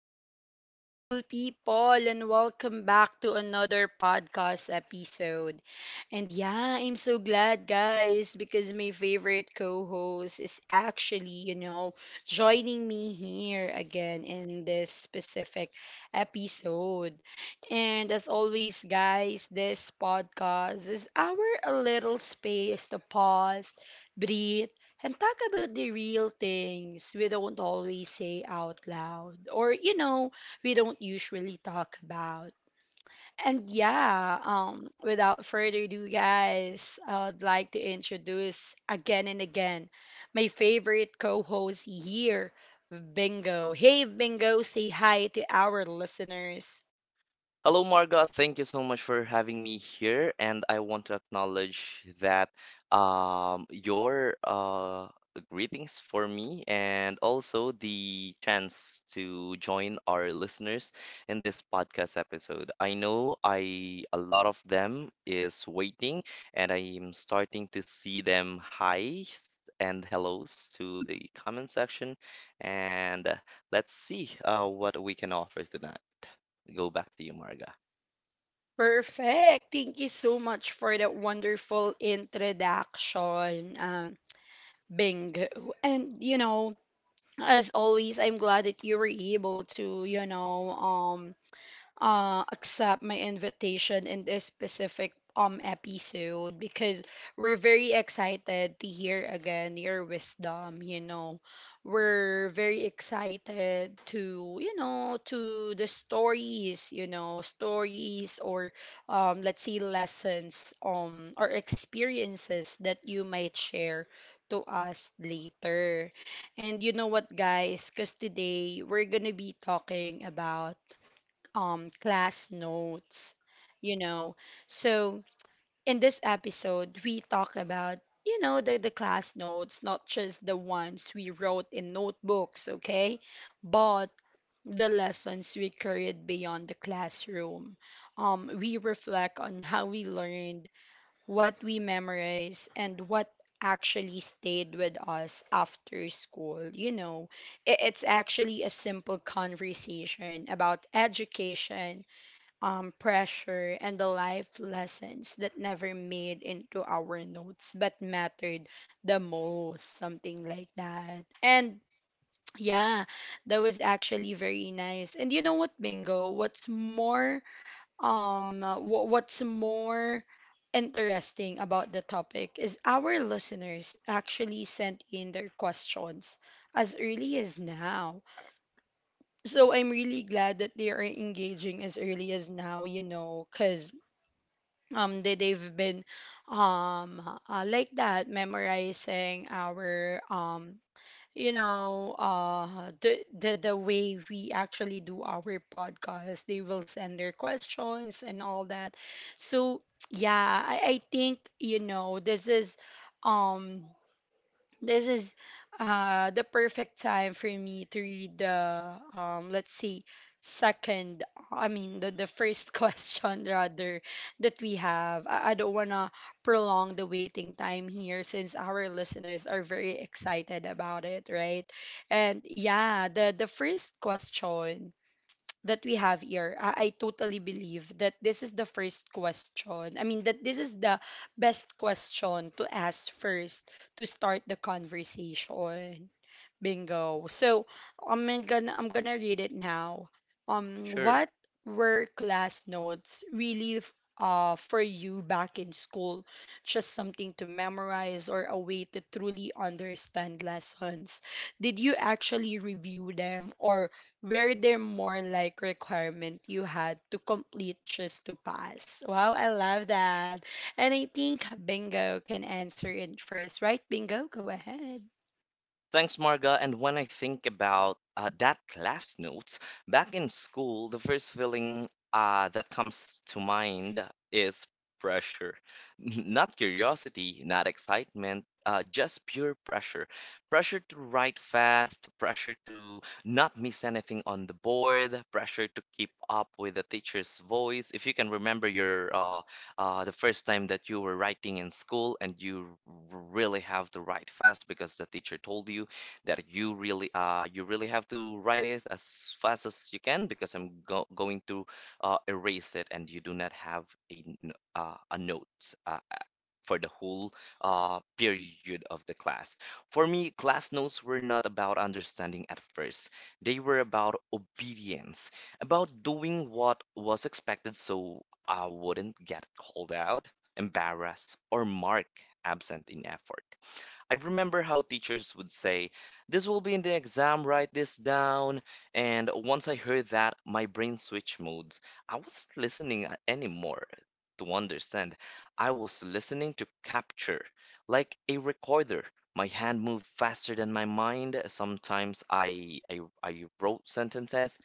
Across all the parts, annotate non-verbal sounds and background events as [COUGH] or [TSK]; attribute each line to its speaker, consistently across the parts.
Speaker 1: Hello, beautiful people, and welcome back to another podcast episode. And yeah, I'm so glad, guys, because my favorite co host is actually, joining me here again in this specific episode. And as always, guys, this podcast is our little space to pause, breathe and talk about the real things we don't always say out loud, or we don't usually talk about. And yeah, without further ado, guys, I'd like to introduce again and again my favorite co-host here, Bingo. Hey Bingo, say hi to our listeners.
Speaker 2: Hello, Marga. Thank you so much for having me here. And I want to acknowledge that your greetings for me and also the chance to join our listeners in this podcast episode. I know I a lot of them is waiting, and I am starting to see them highs and hellos to the comment section. And let's see what we can offer tonight. Go back to you, Marga.
Speaker 1: Perfect, thank you so much for that wonderful introduction, Bingo. And as always, I'm glad that you were able to, accept my invitation in this specific episode, because we're very excited to hear again your wisdom, we're very excited to, to the stories, stories, or let's say lessons, or experiences that you might share to us later. And you know what, guys? Because today we're gonna be talking about class notes, you know. So in this episode we talk about, you know, the class notes, not just the ones we wrote in notebooks, okay, but the lessons we carried beyond the classroom. We reflect on how we learned, what we memorized, and what actually stayed with us after school, you know. It's actually a simple conversation about education, pressure, and the life lessons that never made into our notes but mattered the most, something like that. And yeah, that was actually very nice. And you know what, Bingo? What's more, what's more interesting about the topic is our listeners actually sent in their questions as early as now. So I'm really glad that they are engaging as early as now, you know, because they've been um like that memorizing our the way we actually do our podcast. They will send their questions and all that. So yeah, I think, you know, this is um this is the perfect time for me to read the, let's see, second I mean the first [LAUGHS] question rather that we have. I don't want to prolong the waiting time here, since our listeners are very excited about it, right? And yeah, the first question that we have here, I totally believe that this is the first question. I mean, that this is the best question to ask first to start the conversation, Bingo. So I'm gonna read it now.
Speaker 2: Sure.
Speaker 1: What were class notes really for you back in school? Just something to memorize, or a way to truly understand lessons? Did you actually review them, or were there more like requirement you had to complete just to pass? Wow, I love that. And I think Bingo can answer it first, right? Bingo, go ahead.
Speaker 2: Thanks, Marga. And when I think about that class notes, back in school, the first feeling that comes to mind is pressure. [LAUGHS] Not curiosity, not excitement, just pure pressure. Pressure to write fast, pressure to not miss anything on the board, pressure to keep up with the teacher's voice. If you can remember your the first time that you were writing in school and you really have to write fast because the teacher told you that you really have to write it as fast as you can because I'm go going to erase it and you do not have a note. uh, for the whole period of the class. For me, class notes were not about understanding at first, they were about obedience, about doing what was expected so I wouldn't get called out, embarrassed, or marked absent in effort. I remember how teachers would say, this will be in the exam, write this down. And once I heard that, my brain switched modes. I wasn't listening anymore to understand, I was listening to capture, like a recorder. My hand moved faster than my mind. Sometimes I wrote sentences,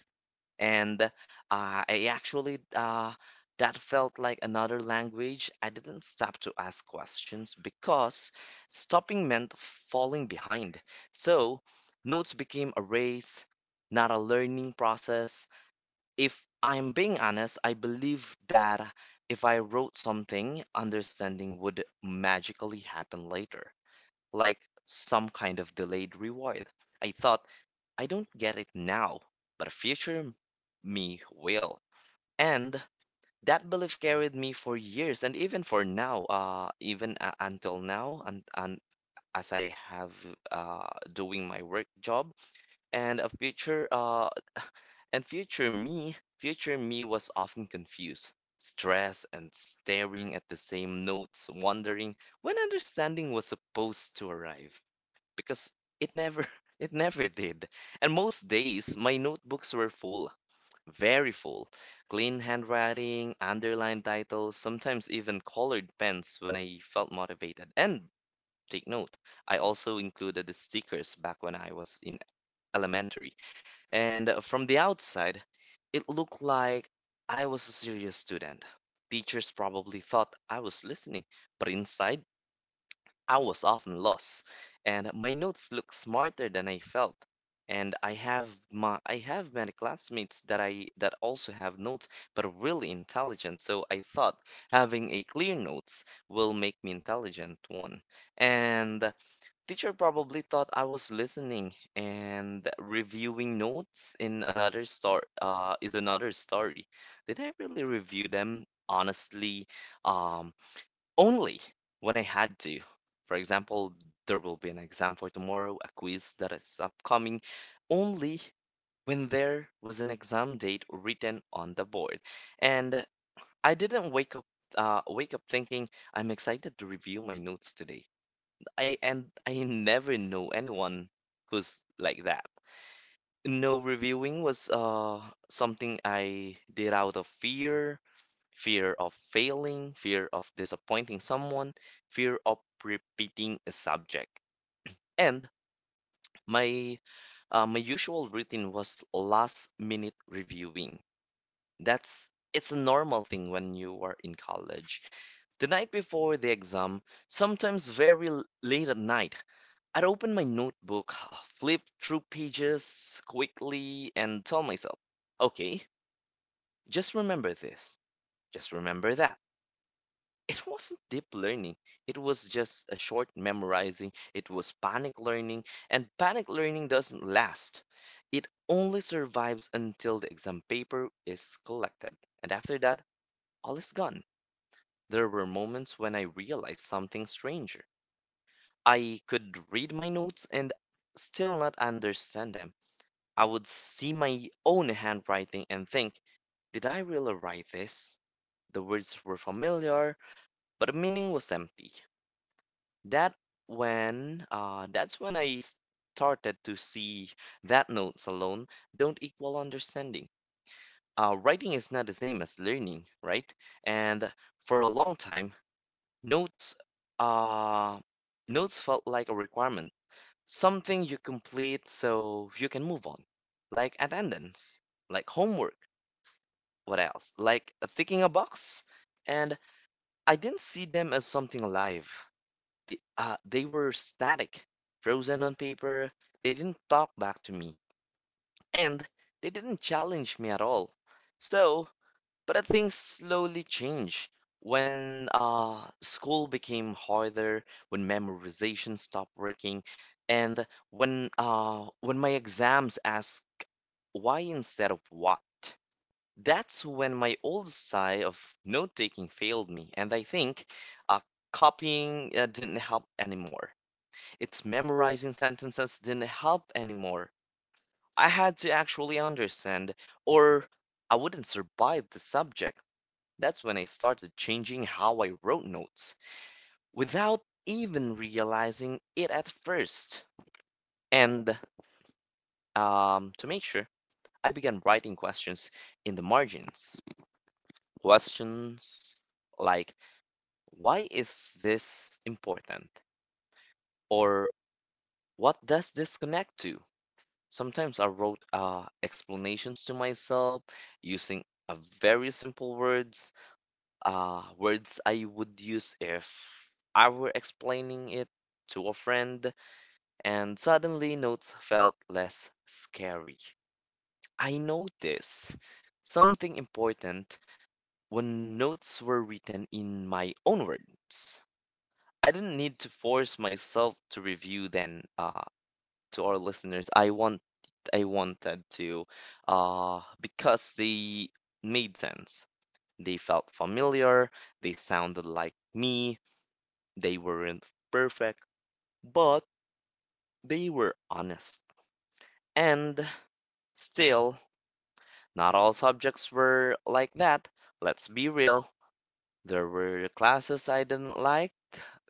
Speaker 2: and I actually that felt like another language. I didn't stop to ask questions because stopping meant falling behind. So notes became a race, not a learning process. If I'm being honest, I believe that if I wrote something, understanding would magically happen later, like some kind of delayed reward. I thought, I don't get it now, but a future me will. And that belief carried me for years and even for now, even until now, and as I have uh, doing my work job and a future and future me was often confused, stressed and staring at the same notes, wondering when understanding was supposed to arrive because it never [LAUGHS] it never did. And most days my notebooks were full, very full. Clean handwriting, underlined titles, sometimes even colored pens when I felt motivated. And take note, I also included the stickers back when I was in elementary. And from the outside, it looked like I was a serious student. Teachers probably thought I was listening, but inside, I was often lost, and my notes looked smarter than I felt. And I have many classmates that I that also have notes but are really intelligent. So I thought having a clear notes will make me intelligent one. And teacher probably thought I was listening and reviewing notes in another star is another story. Did I really review them? Honestly, um only when I had to. For example, there will be an exam for tomorrow, a quiz that is upcoming. Only when there was an exam date written on the board. And I didn't wake up thinking I'm excited to review my notes today. I never know anyone who's like that. No, reviewing was something I did out of fear, fear of failing, fear of disappointing someone, fear of repeating a subject. And my my usual routine was last minute reviewing. That's It's a normal thing when you are in college. The night before the exam, sometimes very late at night, I'd open my notebook, [SIGHS] flip through pages quickly, and tell myself, okay, just remember this, just remember that. It wasn't deep learning. It was just a short memorizing. It was panic learning, and panic learning doesn't last. It only survives until the exam paper is collected, and after that, all is gone. There were moments when I realized something stranger. I could read my notes and still not understand them. I would see my own handwriting and think, did I really write this? The words were familiar, but the meaning was empty. that that's when I started to see that notes alone don't equal understanding. Writing is not the same as learning, right? And for a long time, notes uh, notes felt like a requirement, something you complete so you can move on, like attendance, like homework. What else? Like ticking a box. And I didn't see them as something alive. They were static, frozen on paper. They didn't talk back to me, and they didn't challenge me at all. So, but I think slowly changed when school became harder, when memorization stopped working, and when my exams asked why instead of what. That's when my old side of note taking failed me, and I think uh, copying didn't help anymore. Its memorizing sentences didn't help anymore. I had to actually understand, or I wouldn't survive the subject. That's when I started changing how I wrote notes, without even realizing it at first. And to make sure, I began writing questions in the margins. Questions like, why is this important? Or what does this connect to? Sometimes I wrote explanations to myself using a very simple words, words I would use if I were explaining it to a friend, and suddenly notes felt less scary. I noticed something important when notes were written in my own words. I didn't need to force myself to review then. To our listeners, I want I wanted to because they made sense. They felt familiar, they sounded like me, they weren't perfect, but they were honest. And still, not all subjects were like that. Let's be real. There were classes I didn't like,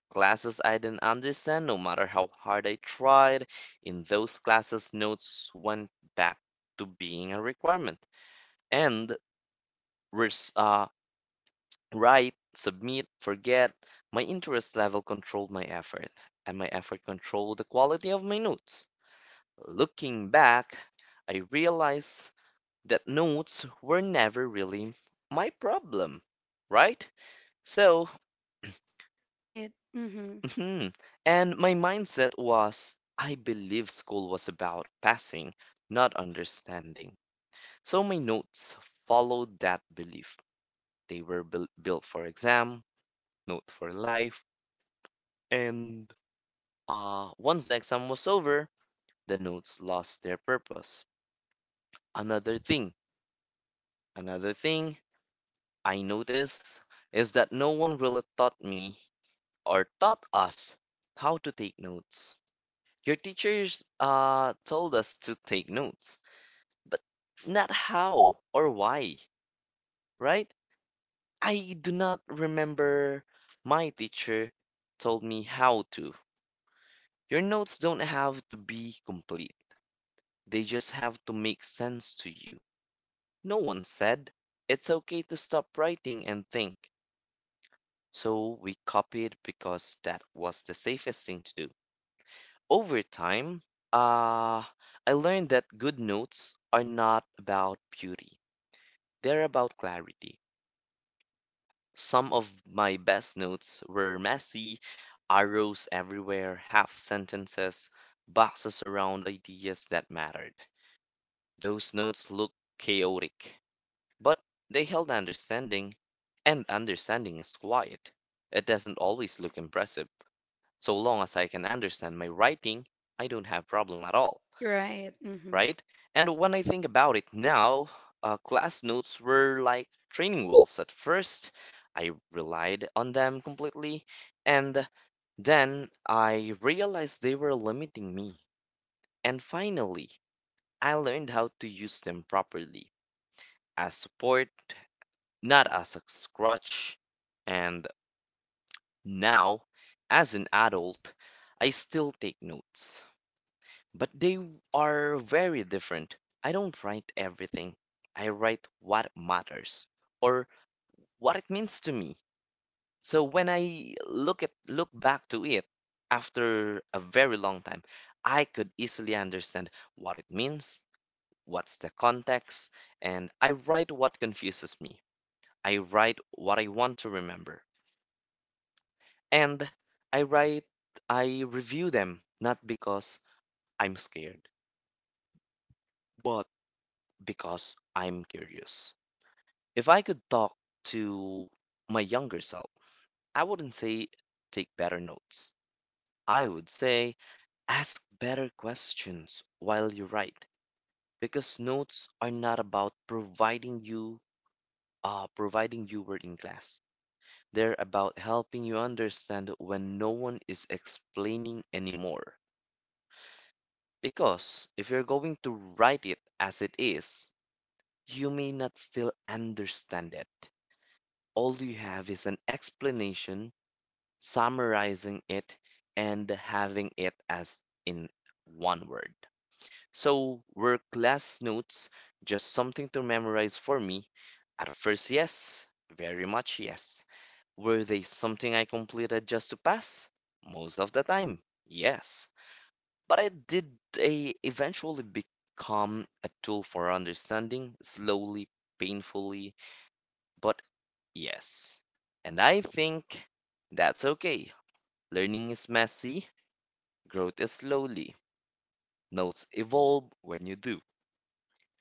Speaker 2: classes I didn't understand, no matter how hard I tried. In those classes, notes went back to being a requirement. And res- uh, write, submit, forget. My interest level controlled my effort, and my effort controlled the quality of my notes. Looking back, I realized that notes were never really my problem, right? So,
Speaker 1: Right. Mm-hmm.
Speaker 2: hmm. And my mindset was I believe school was about passing, not understanding. So my notes followed that belief. They were built for exam, note for life, and once the exam was over, the notes lost their purpose. Another thing, Another thing I noticed is that no one really taught me or taught us how to take notes. Your teachers told us to take notes but not how or why, right? I do not remember my teacher told me how to. Your notes don't have to be complete, they just have to make sense to you. No one said it's okay to stop writing and think. So we copied because that was the safest thing to do. Over time, uh, I learned that good notes are not about beauty, they're about clarity. Some of my best notes were messy, arrows everywhere, half sentences, boxes around ideas that mattered. Those notes looked chaotic, but they held understanding, and understanding is quiet. It doesn't always look impressive. So long as I can understand my writing, I don't have problem at all,
Speaker 1: Right. Mm-hmm.
Speaker 2: right? And when I think about it now, class notes were like training wheels. At first, I relied on them completely, and then I realized they were limiting me. And finally, I learned how to use them properly as support, not as a crutch. And now, as an adult, I still take notes, but they are very different. I don't write everything. I write what matters or what it means to me. So when I look back to it after a very long time, I could easily understand what it means, what's the context, and I write what confuses me. I write what I want to remember. And I write I review them not because I'm scared, but because I'm curious. If I could talk to my younger self, I wouldn't say take better notes. I would say ask better questions while you write because notes are not about providing you were in class. They're about helping you understand when no one is explaining anymore. Because if you're going to write it as it is, you may not still understand it. All you have is an explanation summarizing it, and having it as in one word. So, were class notes just something to memorize for me? At first, yes, very much yes. Were they something I completed just to pass? Most of the time, yes. But I did they eventually become a tool for understanding, slowly, painfully, but yes. And I think that's okay. Learning is messy, growth is slowly. Notes evolve when you do.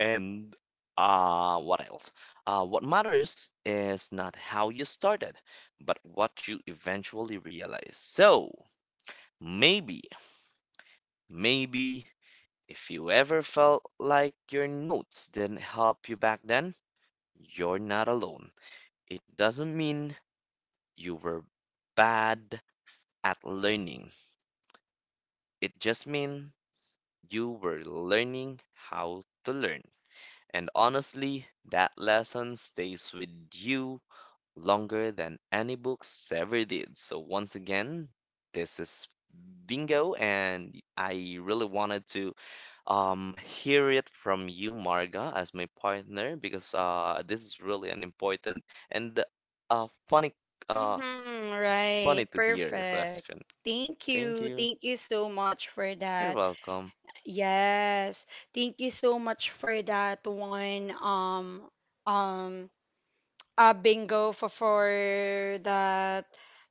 Speaker 2: And what else? What matters is not how you started, but what you eventually realize. So, maybe maybe if you ever felt like your notes didn't help you back then, you're not alone. It doesn't mean you were bad at learning. It just means you were learning how to learn. And honestly, that lesson stays with you longer than any books ever did. So, once again, this is Bingo, and I really wanted to um, hear it from you, Marga, as my partner, because this is really an important and uh, funny, uh,
Speaker 1: Mm-hmm, right.
Speaker 2: funny to hear
Speaker 1: Perfect.
Speaker 2: question.
Speaker 1: Thank
Speaker 2: Thank
Speaker 1: you.
Speaker 2: you.
Speaker 1: Thank you so much for
Speaker 2: You're
Speaker 1: that.
Speaker 2: welcome.
Speaker 1: Yes. Thank you so much for that one. Um Bingo, for that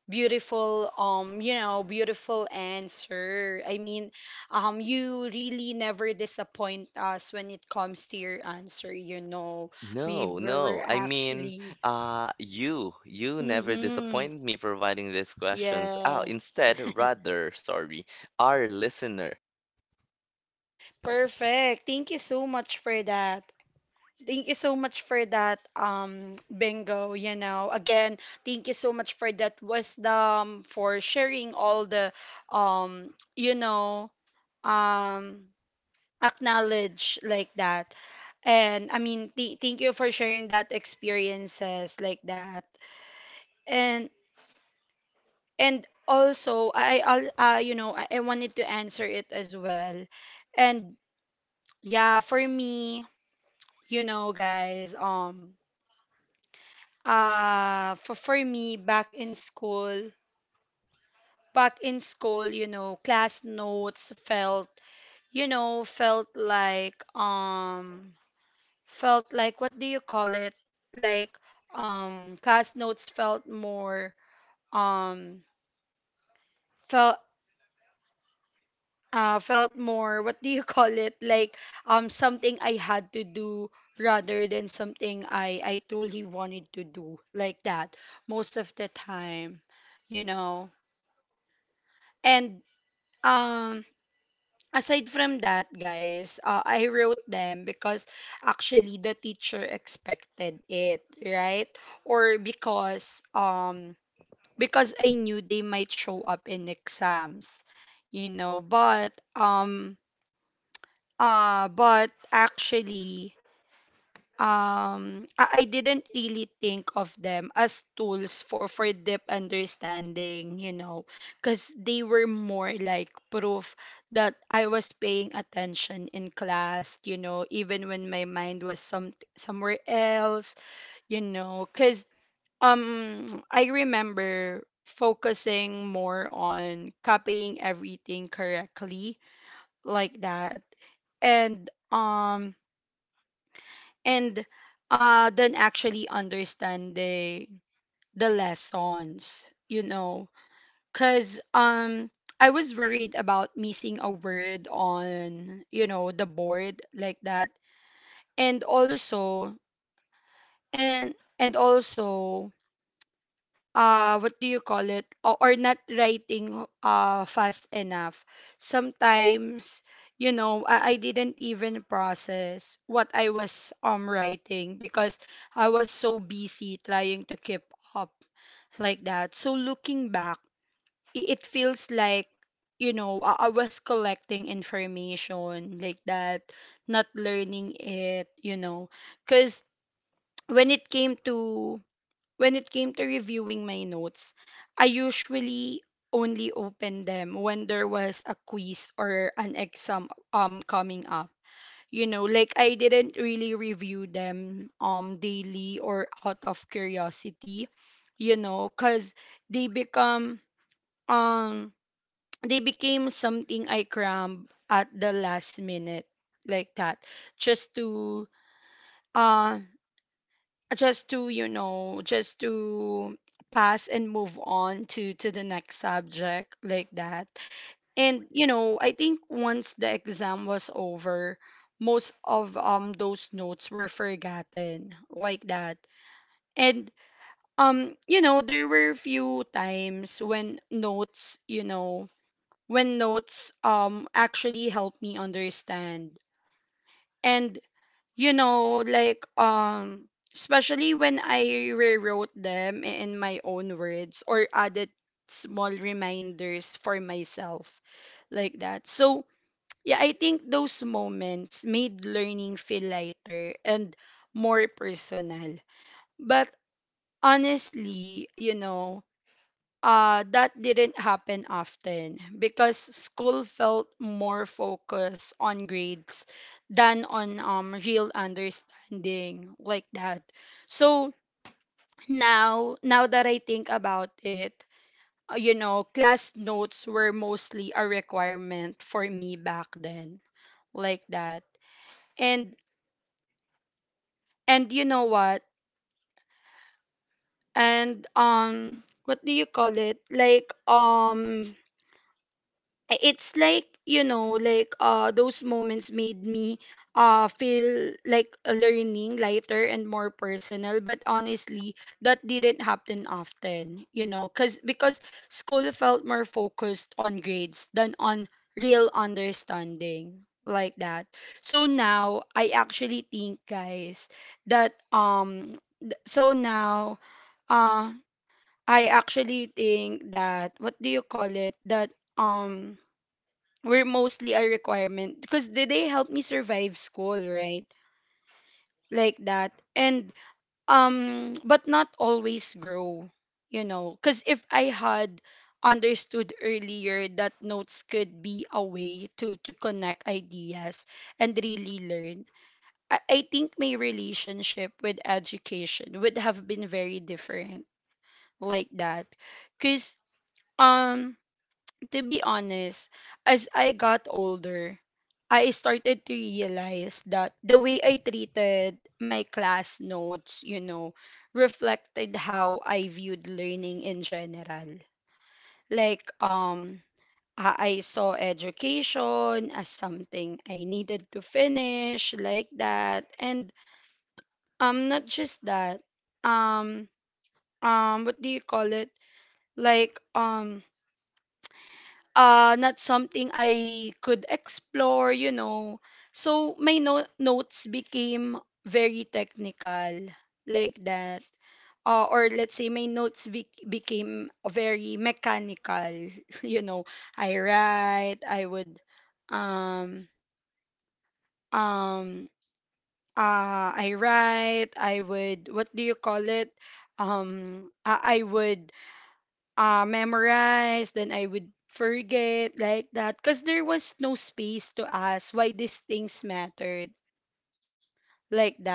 Speaker 1: beautiful, you know, beautiful answer, I mean, you really never disappoint us when it comes to your answer, you know, we
Speaker 2: No,
Speaker 1: were
Speaker 2: no. I mean,
Speaker 1: actually.
Speaker 2: you never
Speaker 1: Mm-hmm.
Speaker 2: disappoint me providing these questions. Ah,
Speaker 1: Yes.
Speaker 2: instead,
Speaker 1: [LAUGHS]
Speaker 2: rather, sorry, our listener,
Speaker 1: Perfect. Thank you so much for that. Thank you so much for that, Bingo. You know, again, thank you so much for that wisdom, for sharing all the, um, you know, um, acknowledge like that. And I mean, thank you for sharing that experiences like that. And and also, I I'll, you know, I wanted to answer it as well. And yeah, for me, you know, guys, for me back in school, you know, class notes felt, felt like, felt like, what do you call it, like, class notes felt more, um felt felt more, what do you [LAUGHS] call it, like something I had to do rather than something I truly wanted to do, like that, most of the time, you know. And um aside from that, guys, I wrote them because actually the teacher expected it, right? Or because I knew they might show up in exams, you know. But but actually, I didn't really think of them as tools for deep understanding, you know, because they were more like proof that I was paying attention in class, you know, even when my mind was somewhere else, you know, because I remember focusing more on copying everything correctly, like that. And and then actually understanding the lessons, you know, because I was worried about missing a word on, you know, the board, like that. And also and and also, what do you call it, or not writing fast enough sometimes. You know, I didn't even process what I was writing because I was so busy trying to keep up, like that. So looking back, it feels like, you know, I was collecting information, like that, not learning it, you know. Because when it came to when it came to reviewing my notes, I usually only opened them when there was a quiz or an exam coming up. You know, like, I didn't really review them daily or out of curiosity, you know, cuz they become um they became something I crammed at the last minute, like that, just to uh just to pass and move on to the next subject, like that. And you know, I think once the exam was over, most of those notes were forgotten, like that. And you know, there were few times when notes, you know, when notes actually helped me understand. And you know, like, especially when I rewrote them in my own words, or added small reminders for myself, like that. So yeah, I think those moments made learning feel lighter and more personal. But honestly, you know, that didn't happen often because school felt more focused on grades than on, real understanding, like that. So now, that I think about it, you know, class notes were mostly a requirement for me back then, like that. And and you know what? And what do you call it? Like, it's like, you know, like, those moments made me feel like a learning lighter and more personal, but honestly that didn't happen often, you know, cuz because school felt more focused on grades than on real understanding, like that. So now I actually think, guys, that th- so now uh I actually think that, what do you call it, that um were mostly a requirement because they helped me survive school, right? Like that. And but not always grow, you know, cuz if I had understood earlier that notes could be a way to connect ideas and really learn, I think my relationship with education would have been very different, like that. Cuz um to be honest, as I got older, I started to realize that the way I treated my class notes, you know, reflected how I viewed learning in general. Like, I saw education as something I needed to finish, like that. And not just that. Um, what do you call it? Like, not something I could explore, you know. So my notes became very technical, like that. Or let's say my notes became very mechanical, [LAUGHS] you know. I would, um um I would, what do you call it? I would, memorize, then I would forget, like that. Because there was no space to ask why these things mattered, like that.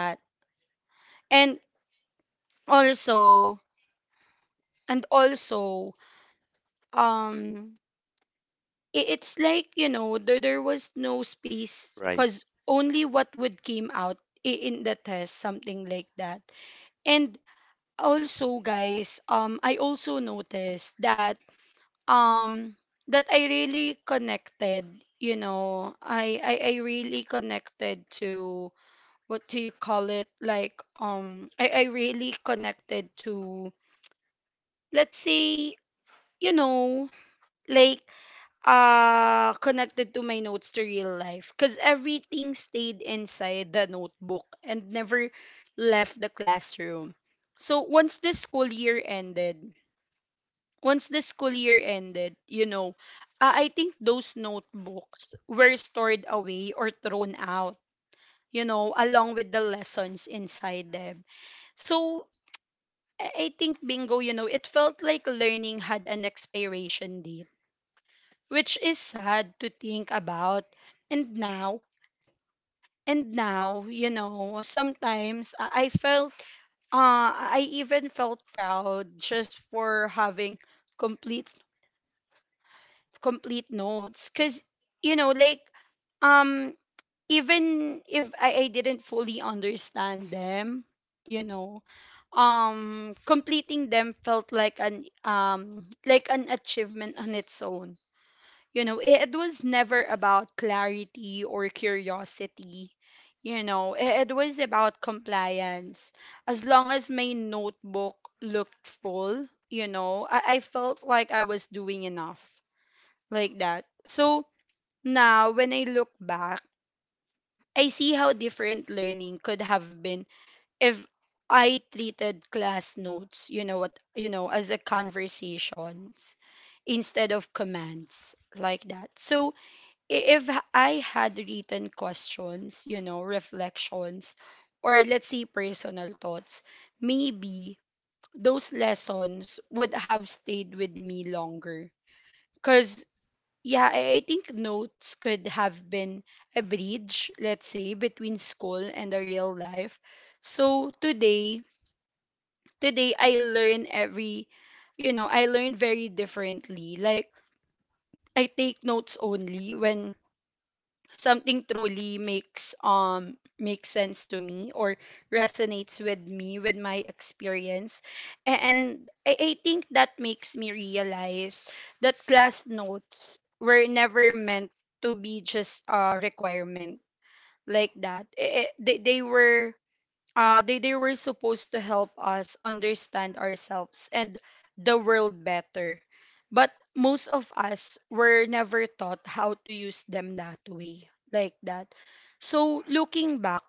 Speaker 1: And also, and also, um, it's like, you know, there was no space
Speaker 2: right?
Speaker 1: because only what would came out in the test, something like that. And also, guys, I also noticed that um I really connected, you know, I really connected to, what do you call it, like, I really connected to, let's say, you know, like, connected to my notes to real life, cuz everything stayed inside the notebook and never left the classroom. So once the school year ended, you know, I think those notebooks were stored away or thrown out, you know, along with the lessons inside them. So I think, Bingo, you know, it felt like learning had an expiration date, which is sad to think about. And now, and now, you know, sometimes I even felt proud just for having complete complete notes, because, you know, like, um even if I didn't fully understand them. You know, completing them felt like an achievement on its own. You know, it was never about clarity or curiosity. You know, it was about compliance. As long as my notebook looked full, you know, I felt like I was doing enough, like that. So now when I look back, I see how different learning could have been if I treated class notes, as a conversations instead of commands, like that. So if I had written questions, you know, reflections, or, let's say, personal thoughts, maybe those lessons would have stayed with me longer. Cause. Yeah, I think notes could have been a bridge, let's say, between school and the real life. So today, today I learn every, you know, I learn very differently. Like, I take notes only when something truly makes sense to me, or resonates with me, with my experience. And I think that makes me realize that class notes were never meant to be just a requirement, like that. They were supposed to help us understand ourselves and the world better. But most of us were never taught how to use them that way, like that. So, looking back,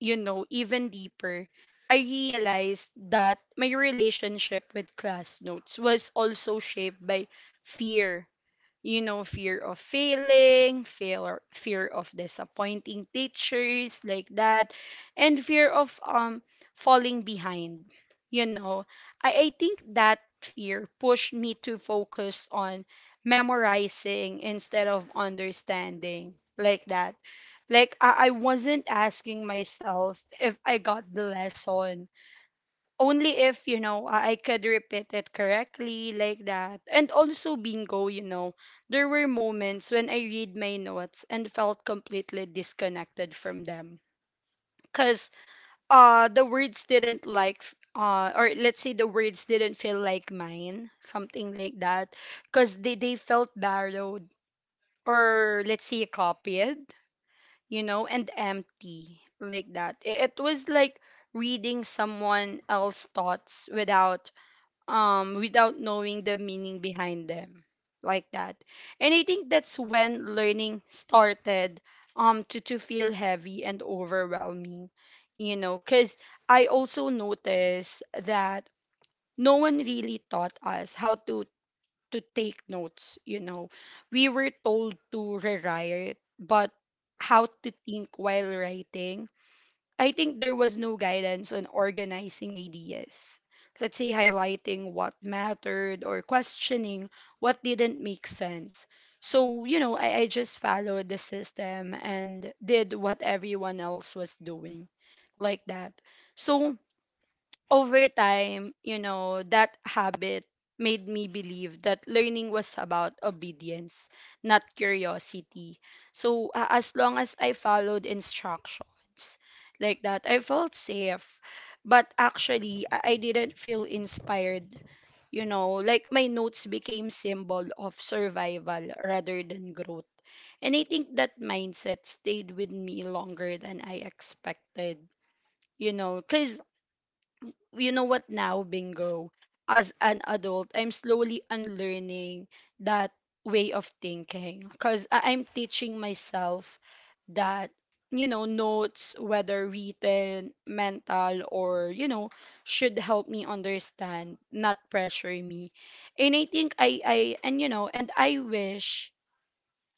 Speaker 1: you know, even deeper, I realized that my relationship with class notes was also shaped by fear. You know, fear of failing, fear of disappointing teachers, like that, and fear of falling behind. You know, I think that fear pushed me to focus on memorizing instead of understanding, like that. Like, I wasn't asking myself if I got the lesson, only if, you know, I could repeat it correctly, like that. And also, Bingo, you know, there were moments when I read my notes and felt completely disconnected from them, because the words didn't like f- or, let's say, the words didn't feel like mine, something like that, because they felt borrowed, or, let's say, copied, you know, and empty, like that. It was like reading someone else's thoughts without knowing the meaning behind them, like that. And I think that's when learning started, to feel heavy and overwhelming, you know, because I also noticed that no one really taught us how to take notes, you know. We were told to rewrite, but how to think while writing, I think there was no guidance on organizing ideas. Let's say, highlighting what mattered, or questioning what didn't make sense. So, you know, I just followed the system and did what everyone else was doing, like that. So, over time, you know, that habit made me believe that learning was about obedience, not curiosity. So, as long as I followed instructions, like that, I felt safe. But actually, I didn't feel inspired. You know, like, my notes became symbol of survival rather than growth. And I think that mindset stayed with me longer than I expected. You know, because, you know what, now, Bingo? As an adult, I'm slowly unlearning that way of thinking, because I'm teaching myself that, you know, notes, whether written, mental, or, you know, should help me understand, not pressure me. And I think I, and, you know, and I wish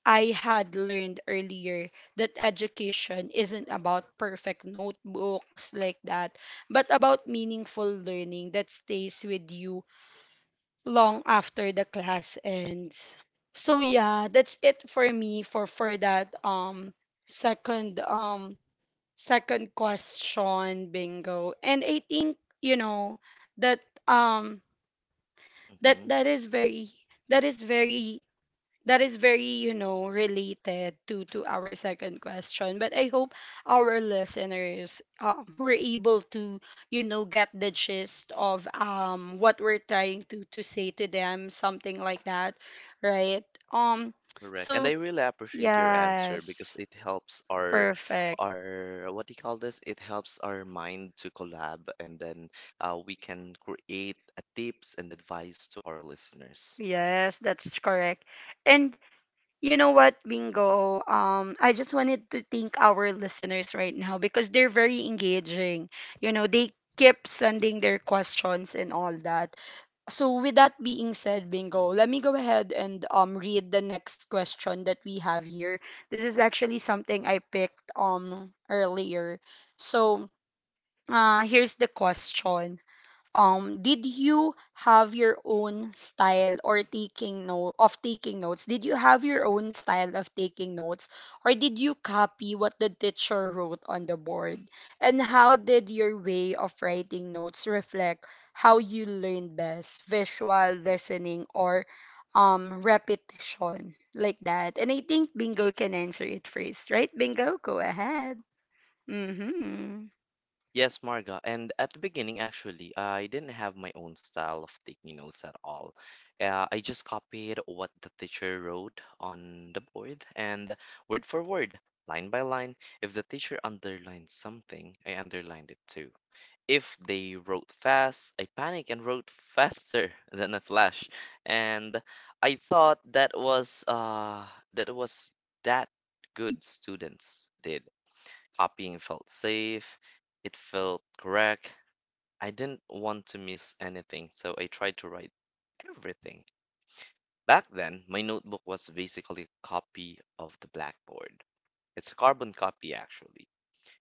Speaker 1: I had learned earlier that education isn't about perfect notebooks, like that, but about meaningful learning that stays with you long after the class ends. So yeah, that's it for me, for that second, second question, Bingo. And I think, you know, that um that
Speaker 2: Hmm.
Speaker 1: that is very that is very that is very, you know, related to our second question, but I hope our listeners, were able to, you know, get the gist of what we're trying to say to them, something like that, right? um
Speaker 2: Correct. And
Speaker 1: so,
Speaker 2: I really appreciate your answer because
Speaker 1: yes.
Speaker 2: it helps our,
Speaker 1: Perfect.
Speaker 2: what do you call this? It helps our mind to collab, and then we can create a tips and advice to our listeners.
Speaker 1: Yes, that's correct. And, you know what, Bingo? I just wanted to thank our listeners right now, because they're very engaging. You know, they keep sending their questions and all that. So, with that being said, Bingo, let me go ahead and read the next question that we have here. This is actually something I picked earlier. So, here's the question. Did you have your own style or taking note of taking notes did you have your own style of taking notes, or did you copy what the teacher wrote on the board? And how did your way of writing notes reflect how you learn best: visual, listening, or repetition, like that? And I think Bingo can answer it first, right, Bingo? Go ahead. Mhm.
Speaker 2: Yes, Marga. And at the beginning, actually, I didn't have my own style of taking notes at all. I just copied what the teacher wrote on the board and word for word, line by line. If the teacher underlined something, I underlined it too. If they wrote fast, I panicked and wrote faster [LAUGHS] than a flash. And I thought that was that good students did. Copying felt safe, it felt correct. I didn't want to miss anything, so I tried to write everything. Back then, my notebook was basically a copy of the blackboard. It's a carbon copy, actually.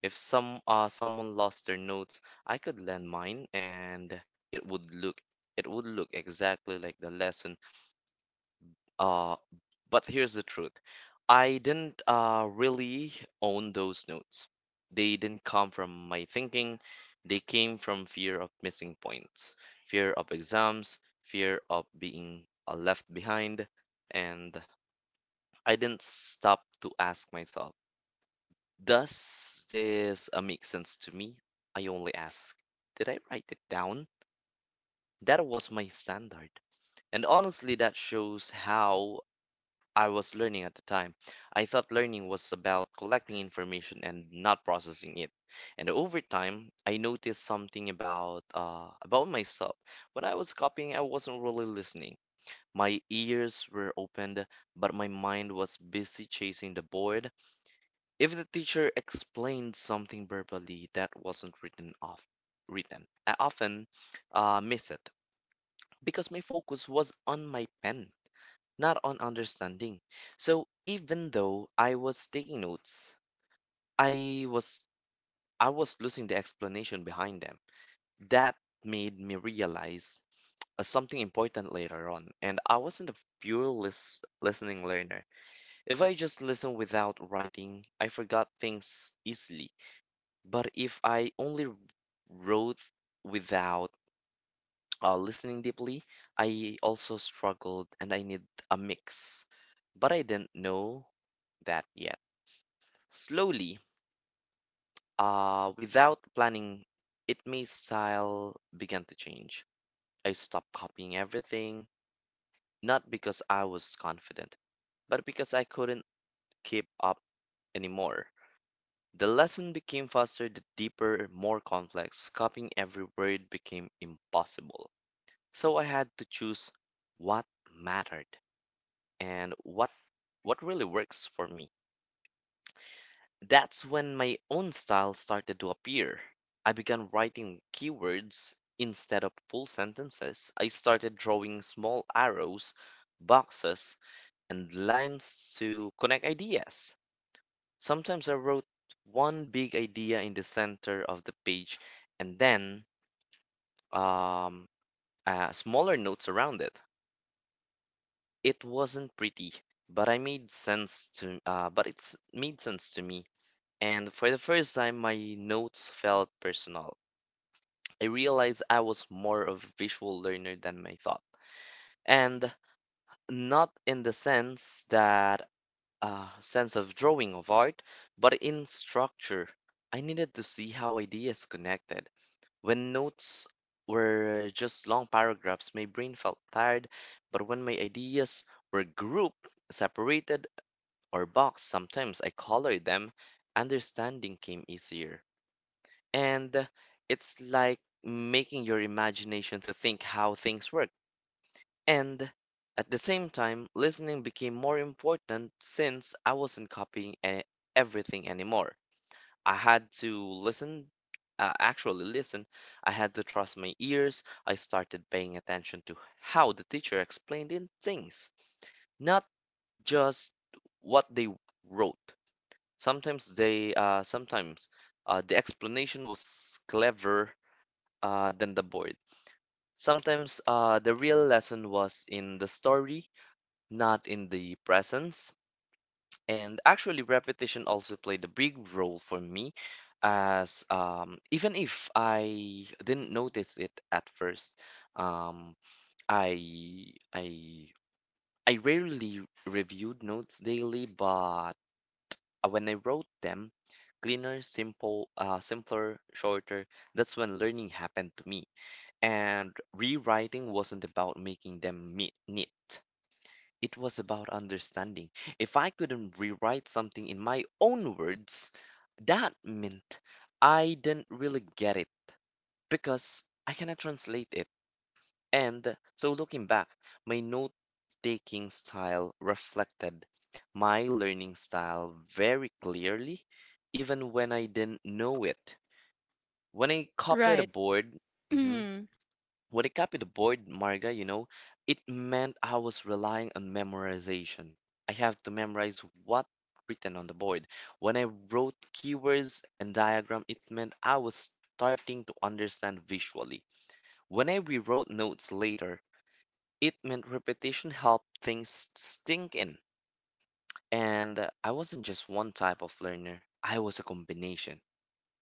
Speaker 2: If someone lost their notes, I could lend mine, and it would look it would look exactly like the lesson. Uh, but here's the truth. I didn't really own those notes. They didn't come from my thinking. They came from fear of missing points, fear of exams, fear of being left behind. And I didn't stop to ask myself, does this make sense to me? I only ask, did I write it down? That was my standard. And honestly, that shows how I was learning at the time. I thought learning was about collecting information and not processing it. And over time, I noticed something about myself. When I was copying, I wasn't really listening. My ears were opened, but my mind was busy chasing the board. If the teacher explained something verbally that wasn't written, I often miss it because my focus was on my pen, not on understanding. So even though I was taking notes, I was I was losing the explanation behind them. That made me realize something important later on, and I wasn't a pure listening learner. If I just listened without writing, I forgot things easily. But if I only wrote without listening deeply, I also struggled and I need a mix. But I didn't know that yet. Slowly, without planning, it my style began to change. I stopped copying everything, not because I was confident, but because I couldn't keep up anymore. The lesson became faster, the deeper, more complex. Copying every word became impossible. So I had to choose what mattered, and what really works for me. That's when my own style started to appear. I began writing keywords instead of full sentences. I started drawing small arrows, boxes, and lines to connect ideas. Sometimes I wrote one big idea in the center of the page and then um, smaller notes around it. It wasn't pretty, but it's made sense to me, and for the first time, my notes felt personal. I realized I was more of a visual learner than I thought, and not in the sense of drawing of art, but in structure. I needed to see how ideas connected. When notes were just long paragraphs, my brain felt tired, but when my ideas were grouped, separated, or boxed, sometimes I colored them, understanding came easier. And it's like making your imagination to think how things work. And at the same time, listening became more important since I wasn't copying everything anymore. I had to listen, actually listen. I had to trust my ears. I started paying attention to how the teacher explained in things, not just what they wrote. Sometimes the explanation was clever than the board. Sometimes the real lesson was in the story, not in the presence. And actually, repetition also played a big role for me, as even if I didn't notice it at first. um, I I I rarely reviewed notes daily, but when I wrote them, cleaner, simpler, shorter. That's when learning happened to me. And rewriting wasn't about making them meet neat. It was about understanding. If I couldn't rewrite something in my own words, that meant I didn't really get it because I cannot translate it. And so looking back, my note taking style reflected my learning style very clearly, even when I didn't know it. When I copied a
Speaker 1: Right.
Speaker 2: board, mhm,
Speaker 1: Mhm.
Speaker 2: When it copied the board, Marga, you know, it meant I was relying on memorization. I have to memorize what written on the board. When I wrote keywords and diagram, it meant I was starting to understand visually. When I rewrote notes later, it meant repetition helped things sink in. And I wasn't just one type of learner. I was a combination.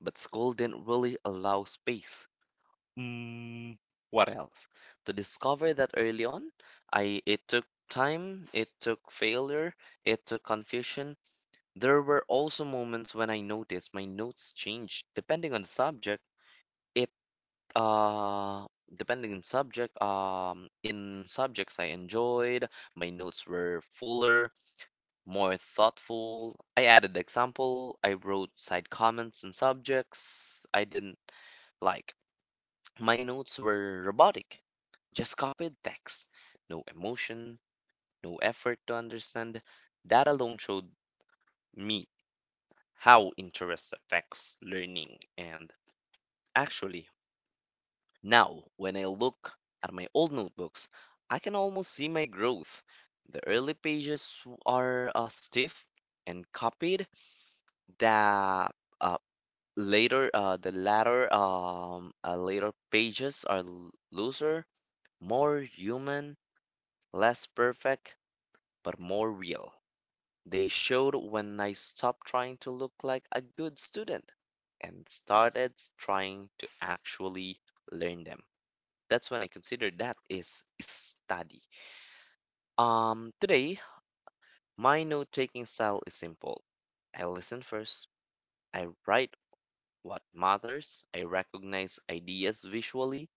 Speaker 2: But school didn't really allow space. Mm, what else? To discover that early on, I it took time, it took failure, it took confusion. There were also moments when I noticed my notes changed depending on the subject. It uh depending on subject in subjects I enjoyed, my notes were fuller, more thoughtful. I added example, I wrote side comments, and subjects I didn't like, my notes were robotic, just copied text, no emotion, no effort to understand. That alone showed me how interest affects learning. And actually, now when I look at my old notebooks, I can almost see my growth. The early pages are stiff and copied. The uh, later pages are looser, more human. Less perfect, but more real. They showed when I stopped trying to look like a good student and started trying to actually learn them. That's when I consider that is study. Today, my note taking style is simple. I listen first, I write what matters, I recognize ideas visually,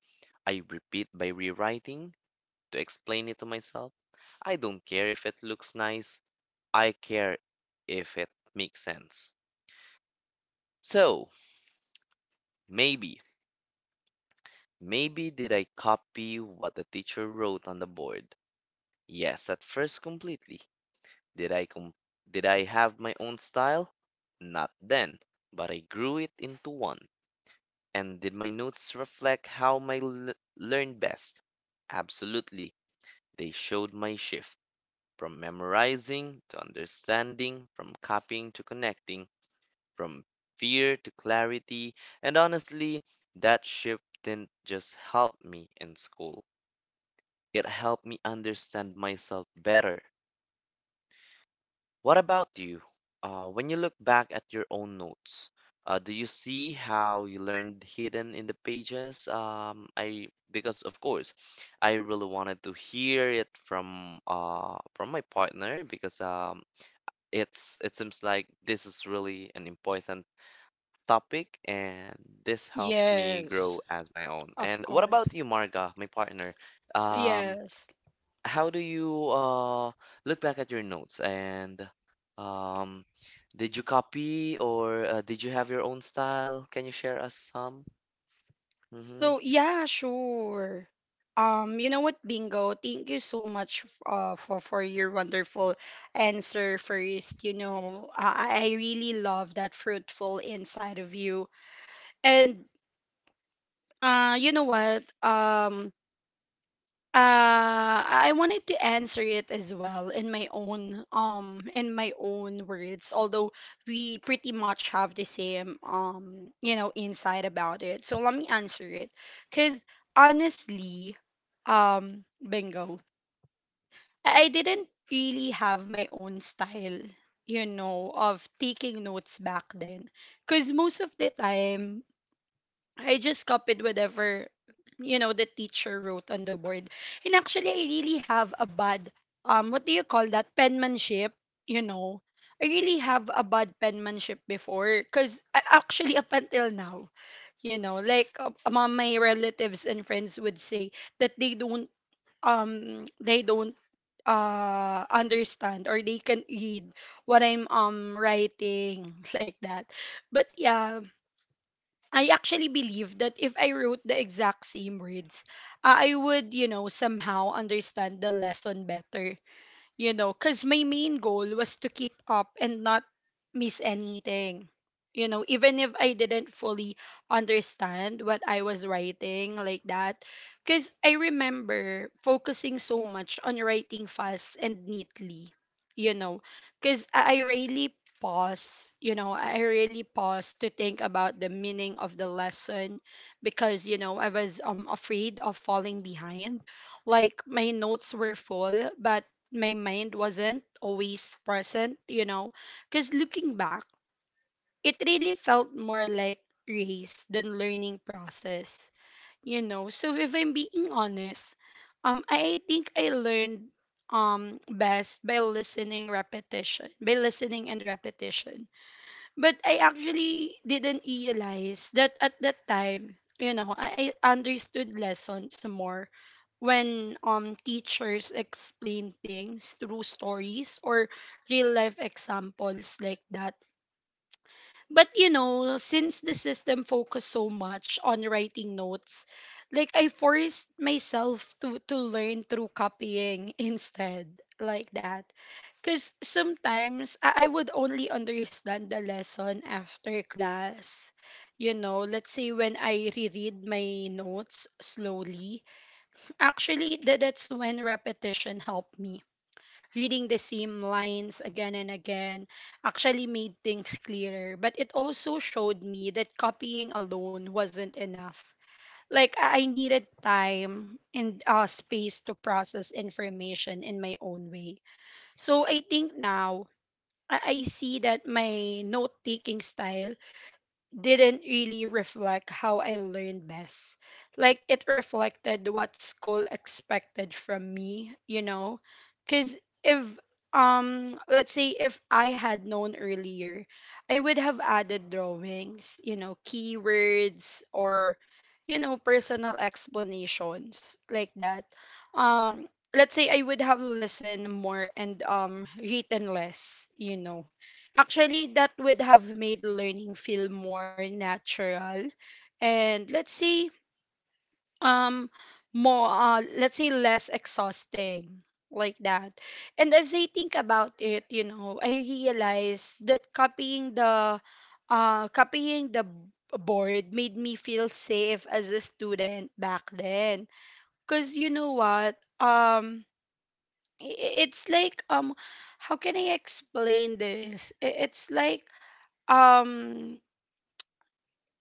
Speaker 2: I repeat by rewriting to explain it to myself. I don't care if it looks nice, I care if it makes sense. So, maybe, maybe did I copy what the teacher wrote on the board? Yes, at first completely. Did I com- did I have my own style? Not then, but I grew it into one. And did my notes reflect how my learned best? Absolutely. They showed my shift from memorizing to understanding, from copying to connecting, from fear to clarity. And honestly, that shift didn't just help me in school, it helped me understand myself better. What about you? When you look back at your own notes, do you see how you learned hidden in the pages? I Because of course, I really wanted to hear it from my partner, because it's it seems like this is really an important topic, and this helps me grow
Speaker 1: Yes,
Speaker 2: as my own.
Speaker 1: of
Speaker 2: And what
Speaker 1: course.
Speaker 2: about you, Marga, my partner? Um,
Speaker 1: Yes.
Speaker 2: how do you look back at your notes and um, did you copy or did you have your own style? Can you share us some? Mm-hmm.
Speaker 1: So yeah, sure. You know what, Bingo? Thank you so much for your wonderful answer first. You know, I really love that fruitful inside of you. And you know what? I wanted to answer it as well in my own words, although we pretty much have the same, you know, insight about it. So let me answer it, cause honestly, Bingo, I didn't really have my own style, you know, of taking notes back then, cause most of the time I just copied whatever, you know, the teacher wrote on the board. And actually, I really have a bad, what do you call that, penmanship, you know? I really have a bad penmanship before, cuz actually up until now, you know, like, among my relatives and friends would say that they don't understand, or they can read what I'm writing, [LAUGHS] like that. But yeah, I actually believe that if I wrote the exact same words, I would, you know, somehow understand the lesson better, you know, because my main goal was to keep up and not miss anything. You know, even if I didn't fully understand what I was writing, like that. Because I remember focusing so much on writing fast and neatly, you know, because pause, I really pause to think about the meaning of the lesson, because, you know, I was, afraid of falling behind. Like, my notes were full, but my mind wasn't always present, you know. Because looking back, it really felt more like race than learning process, you know. So, if I'm being honest, I think I learned best by listening and repetition, but I actually didn't realize that at that time. You know, I understood lessons more when, teachers explain things through stories or real life examples, like that. But, you know, since the system focused so much on writing notes, like, I forced myself to learn through copying [LAUGHS] instead, like that. Because sometimes I would only understand the lesson after class. You know, let's say, when I reread my notes slowly. Actually, that's when repetition helped me. Reading the same lines again and again actually made things clearer, but it also showed me that copying alone wasn't enough. Like, I needed time and, space to process information in my own way. So, I think now I see that my note taking style didn't really reflect how I learned best. Like, it reflected what school expected from me, you know? Cuz if let's say if I had known earlier, I would have added drawings, you know, keywords, or, you know, personal explanations, like that. Let's say I would have listened more and, written less, you know. Actually, that would have made learning feel more natural and, um let's say less exhausting, like that. And as I think about it, you know, I realize that copying the board made me feel safe as a student back then. Cause, you know what? It's like, how can I explain this? It's like, um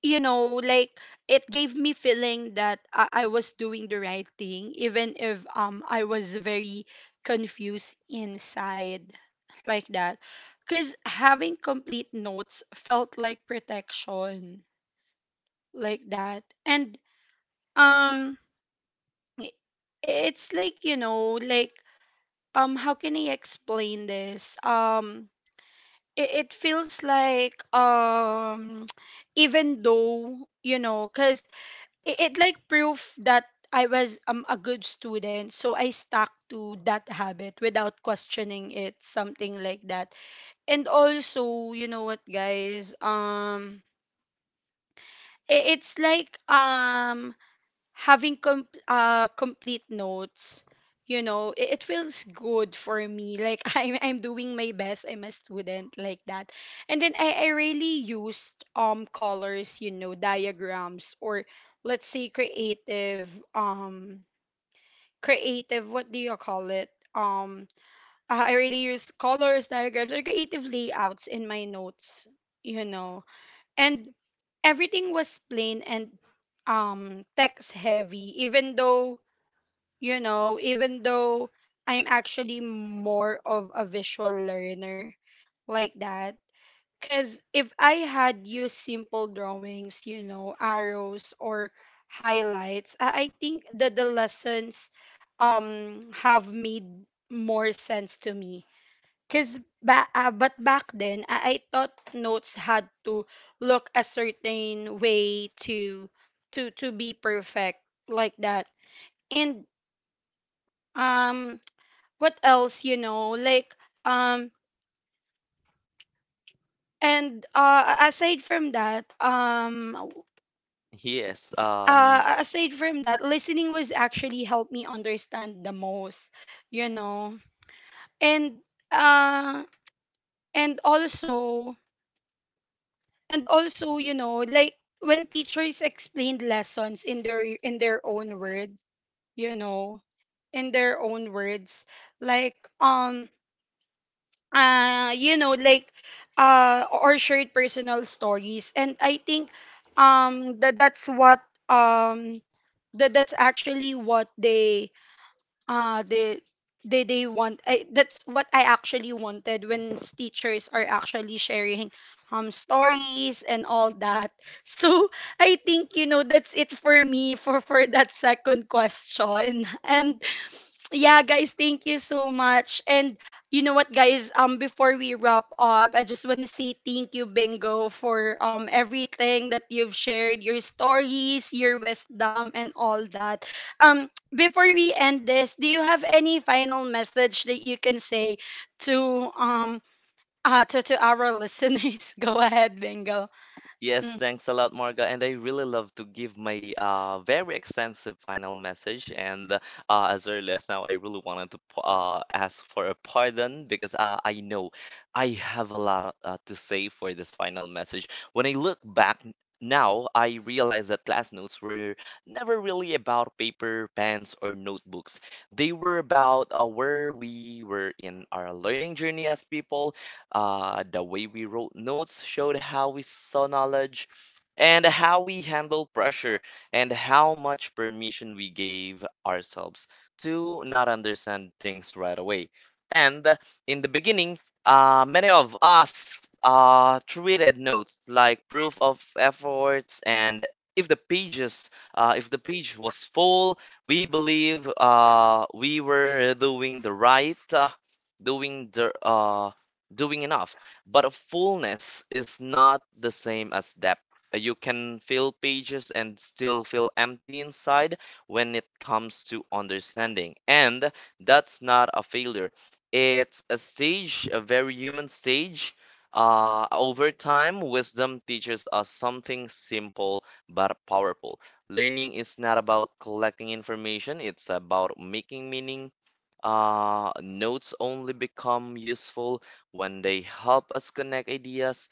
Speaker 1: you know, like, it gave me feeling that I was doing the right thing, even if, I was very confused inside, like that. Because having complete notes felt like protection, like that, and, um i- it's like, you know, like, how can I explain this? It feels like, [TSK] even though, you know, because it like proof that I was, a good student, so I stuck to that habit without questioning it, something like that. And also, you know what, guys? It's like having complete notes. It feels good for me, like, [LAUGHS] I'm doing my best. I'm a student like that. And then I really used colors, diagrams, or let's say creative, um creative, what do you call it, um i I really use colors, diagrams, or creative layouts in my notes you know and everything was plain and text heavy even though, even though I'm actually more of a visual learner, like that. Because if I had used simple drawings, arrows or highlights, I think that the lessons have made more sense to me. But back then, I thought notes had to look a certain way to be perfect, like that. And um what else, you know, like, um and aside from that um
Speaker 2: Yes.
Speaker 1: uh aside from that listening was actually helped me understand the most, you know. And uh and also and also, you know, like, when teachers explained lessons in their own words, you know, in their own words, like um uh you know like or shared personal stories. And I think um that that's what um that that's actually what they uh they they want. That's what I actually wanted when teachers are actually sharing stories and all that. [LAUGHS] So I think, you know, that's it for me for that second question. [LAUGHS] And yeah, guys, thank you so much. And you know what, guys? Before we wrap up, I just want to say thank you, Bingo, for everything that you've shared, your stories, your wisdom, and all that. Before we end this, do you have any final message that you can say to um to our listeners? [LAUGHS] Go ahead, Bingo.
Speaker 2: Yes, thanks a lot, Marga. And I really love to give my very extensive final message. And as early as now, I really wanted to ask for a pardon because I know I have a lot to say for this final message. When I look back now, I realize that class notes were never really about paper, pens, or notebooks. They were about where we were in our learning journey as people. The way we wrote notes showed how we saw knowledge and how we handled pressure and how much permission we gave ourselves to not understand things right away. And in the beginning, many of us treated notes like proof of efforts, and if the page was full, we believe we were doing the right doing the doing enough. But a fullness is not the same as depth. You can fill pages and still feel empty inside when it comes to understanding. And that's not a failure. It's a stage, a very human stage. Over time, wisdom teaches us something simple but powerful. Learning is not about collecting information, it's about making meaning. Notes only become useful when they help us connect ideas,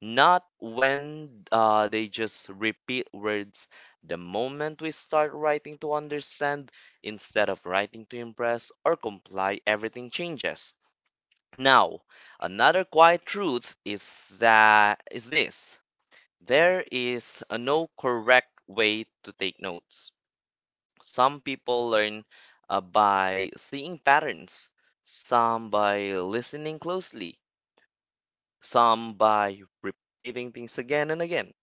Speaker 2: not when they just repeat words. The moment we start writing to understand instead of writing to impress or comply, everything changes. Now, another quiet truth is that is this. There is a no correct way to take notes. Some people learn by seeing patterns, some by listening closely, some by repeating things again and again.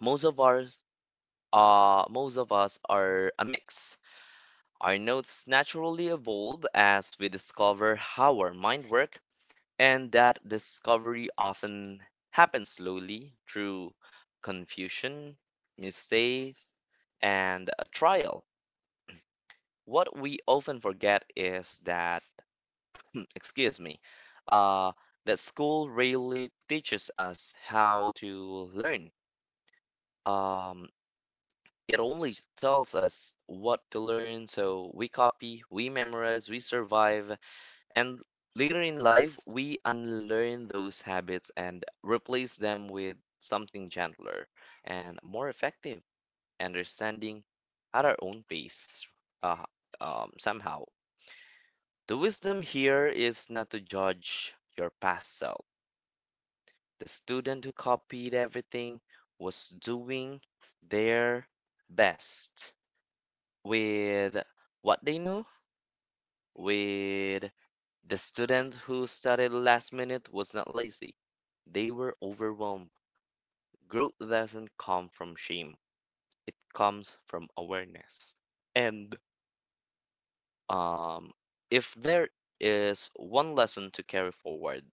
Speaker 2: Most of ours most of us are a mix. Our notes naturally evolve as we discover how our mind works, and that discovery often happens slowly through confusion, mistakes, and a trial. What we often forget is that, [CLEARS THROAT] excuse me, uh, that school really teaches us how to learn. Um, it only tells us what to learn, so we copy, we memorize, we survive, and later in life, we unlearn those habits and replace them with something gentler and more effective, understanding at our own pace, uh, somehow. The wisdom here is not to judge your past self. The student who copied everything was doing their best with what they knew, with the student who started last minute was not lazy. They were overwhelmed. Growth doesn't come from shame, it comes from awareness. And um, if there is one lesson to carry forward,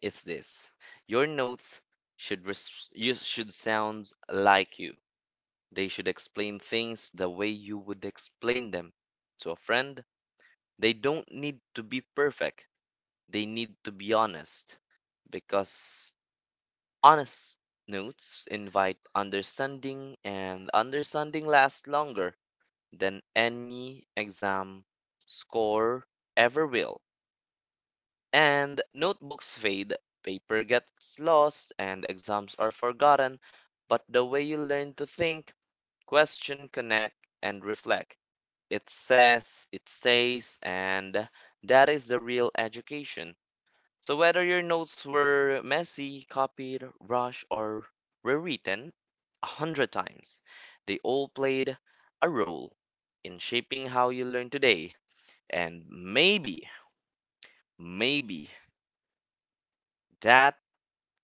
Speaker 2: it's this: your notes you should sound like you. They should explain things the way you would explain them to a friend. They don't need to be perfect. They need to be honest, because honest notes invite understanding, and understanding lasts longer than any exam score ever will. And notebooks fade, paper gets lost, and exams are forgotten, but the way you learn to think, question, connect, and reflect, it stays, and that is the real education. So whether your notes were messy, copied, rushed, or rewritten 100 times, they all played a role in shaping how you learn today. And maybe, maybe that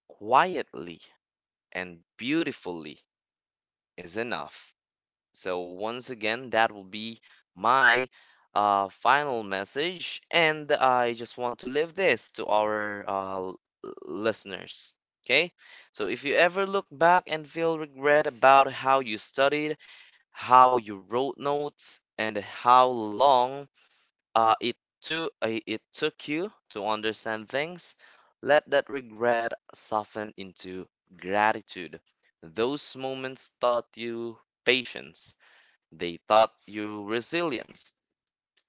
Speaker 2: quietly and beautifully is enough. So, once again, that will be my final message, and I just want to leave this to our listeners. Okay? So, if you ever look back and feel regret about how you studied, how you wrote notes, and how long it took you to understand things, let that regret soften into gratitude. Those moments taught you patience. They taught you resilience.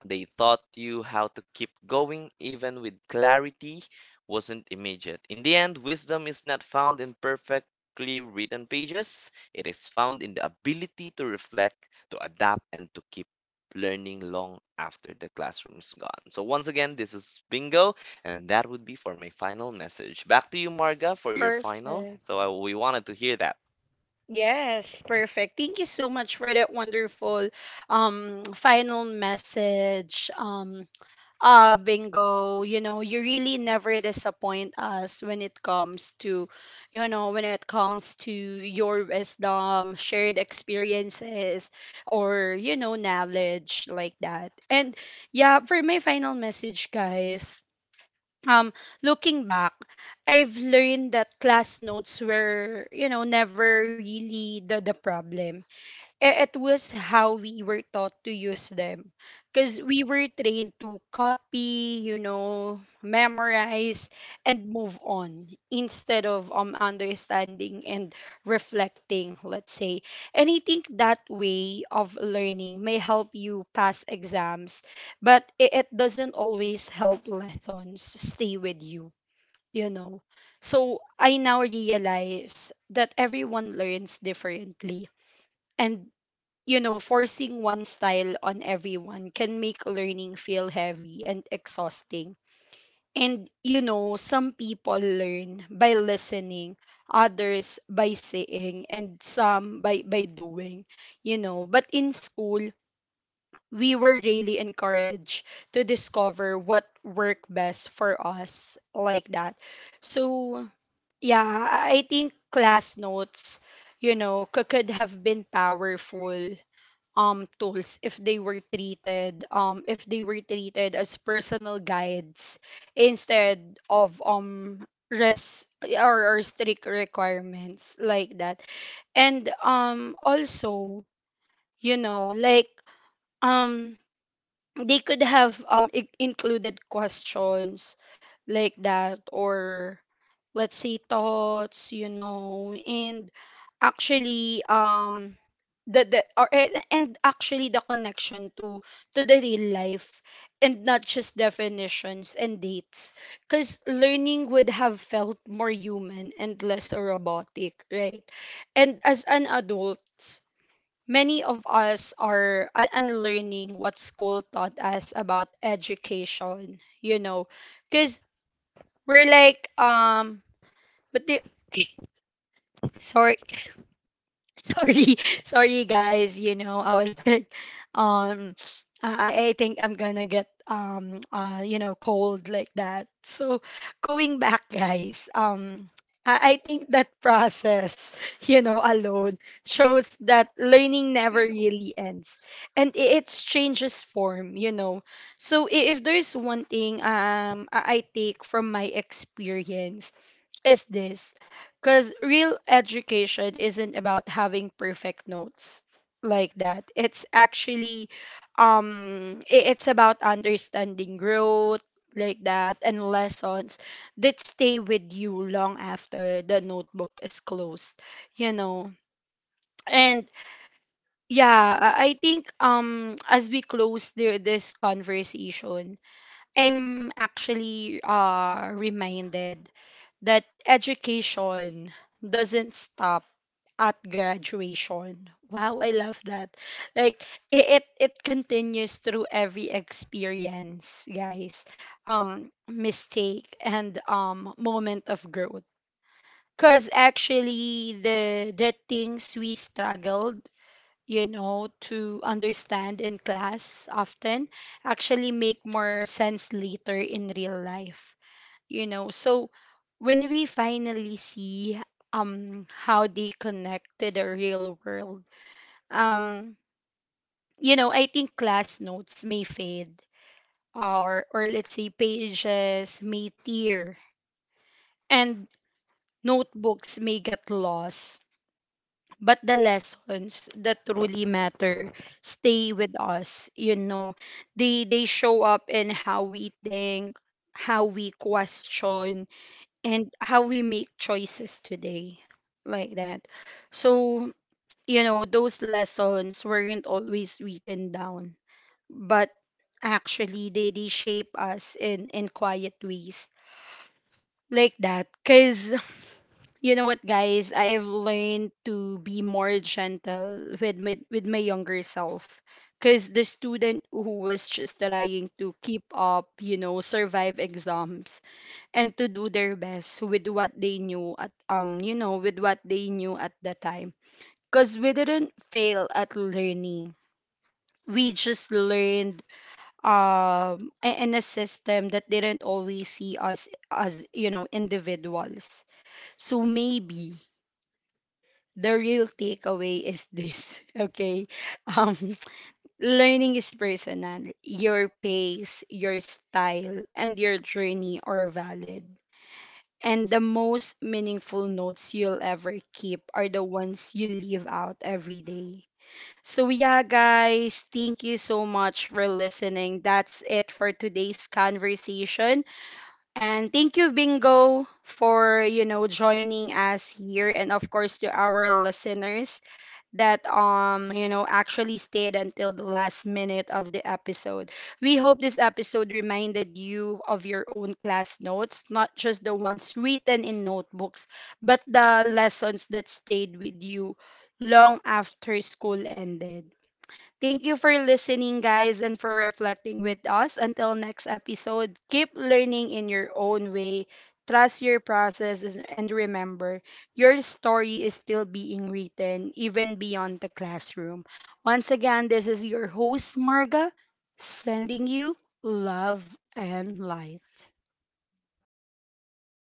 Speaker 2: They taught you how to keep going even with clarity wasn't immediate. In the end, wisdom is not found in perfectly written pages, it is found in the ability to reflect, to adapt, and to keep learning long after the classroom's gone. So, once again, this is Bingo, and that would be for my final message. Back to you, Marga, for your final.
Speaker 1: Perfect.
Speaker 2: So, I, we wanted to hear that.
Speaker 1: Yes, perfect. Thank you so much for that wonderful final message. Bingo, you know, you really never disappoint us when it comes to, you know, when it comes to your wisdom, shared experiences, or, you know, knowledge like that. And yeah, for my final message, guys, um looking back, I've learned that class notes were, you know, never really the problem. It was how we were taught to use them, because we were trained to copy, you know, memorize, and move on, instead of understanding and reflecting, let's say. And I think that way of learning may help you pass exams, but it doesn't always help lessons stay with you, you know. So I now realize that everyone learns differently, and, you know, forcing one style on everyone can make learning feel heavy and exhausting. And, you know, some people learn by listening, others by saying, and some by doing, you know. But in school, we were really encouraged to discover what worked best for us, like that. So, yeah, I think class notes, you know, could have been powerful tools, if they were treated if they were treated as personal guides, instead of res or strict requirements, like that. And also, you know, like, um they could have included questions, like that, or let's say thoughts, you know. And actually, the or and actually the connection to the real life, and not just definitions and dates, because learning would have felt more human and less robotic, right? And as an adult, many of us are unlearning what school taught us about education, you know, because we're like, but the sorry. [LAUGHS] Sorry, sorry, guys. You know, I was [LAUGHS] like, um, I think I'm gonna get cold, like that. So going back, guys. I think that process, [LAUGHS] you know, alone shows that learning never really ends. And it changes form, you know. So if there's one thing, I take from my experience, is this, because real education isn't about having perfect notes, like that. It's about understanding growth, like that, and lessons that stay with you long after the notebook is closed, you know. And yeah, I think, as we close this conversation, I'm actually reminded that education doesn't stop at graduation. Wow, I love that. Like, it continues through every experience, guys. Mistake and moment of growth. Cause actually, the things we struggled, you know, to understand in class often actually make more sense later in real life, you know. So when we finally see how they connect to the real world, um, you know, I think class notes may fade, or let's say pages may tear, and notebooks may get lost, but the lessons that truly matter stay with us, you know. They show up in how we think, how we question, and how we make choices today, like that. So, you know, those lessons weren't always written down, but actually they shape us in quiet ways, like that, because you know what, guys? I've learned to be more gentle with my younger self. Because the student who was just trying to keep up, you know, survive exams, and to do their best with what they knew at the time. Because we didn't fail at learning. We just learned in a system that didn't always see us as, you know, individuals. So maybe the real takeaway is this. [LAUGHS] Okay, um [LAUGHS] learning is personal. Your pace, your style, and your journey are valid, and the most meaningful notes you'll ever keep are the ones you leave out every day. So, yeah, guys, thank you so much for listening. That's it for today's conversation, and thank you, Bingo, for, you know, joining us here, and of course to our listeners that you know actually stayed until the last minute of the episode. We hope this episode reminded you of your own class notes, not just the ones written in notebooks, but the lessons that stayed with you long after school ended. Thank you for listening, guys, and for reflecting with us. Until next episode, keep learning in your own way. Trust your process, and remember, your story is still being written, even beyond the classroom. Once again, this is your host, Marga, sending you love and light.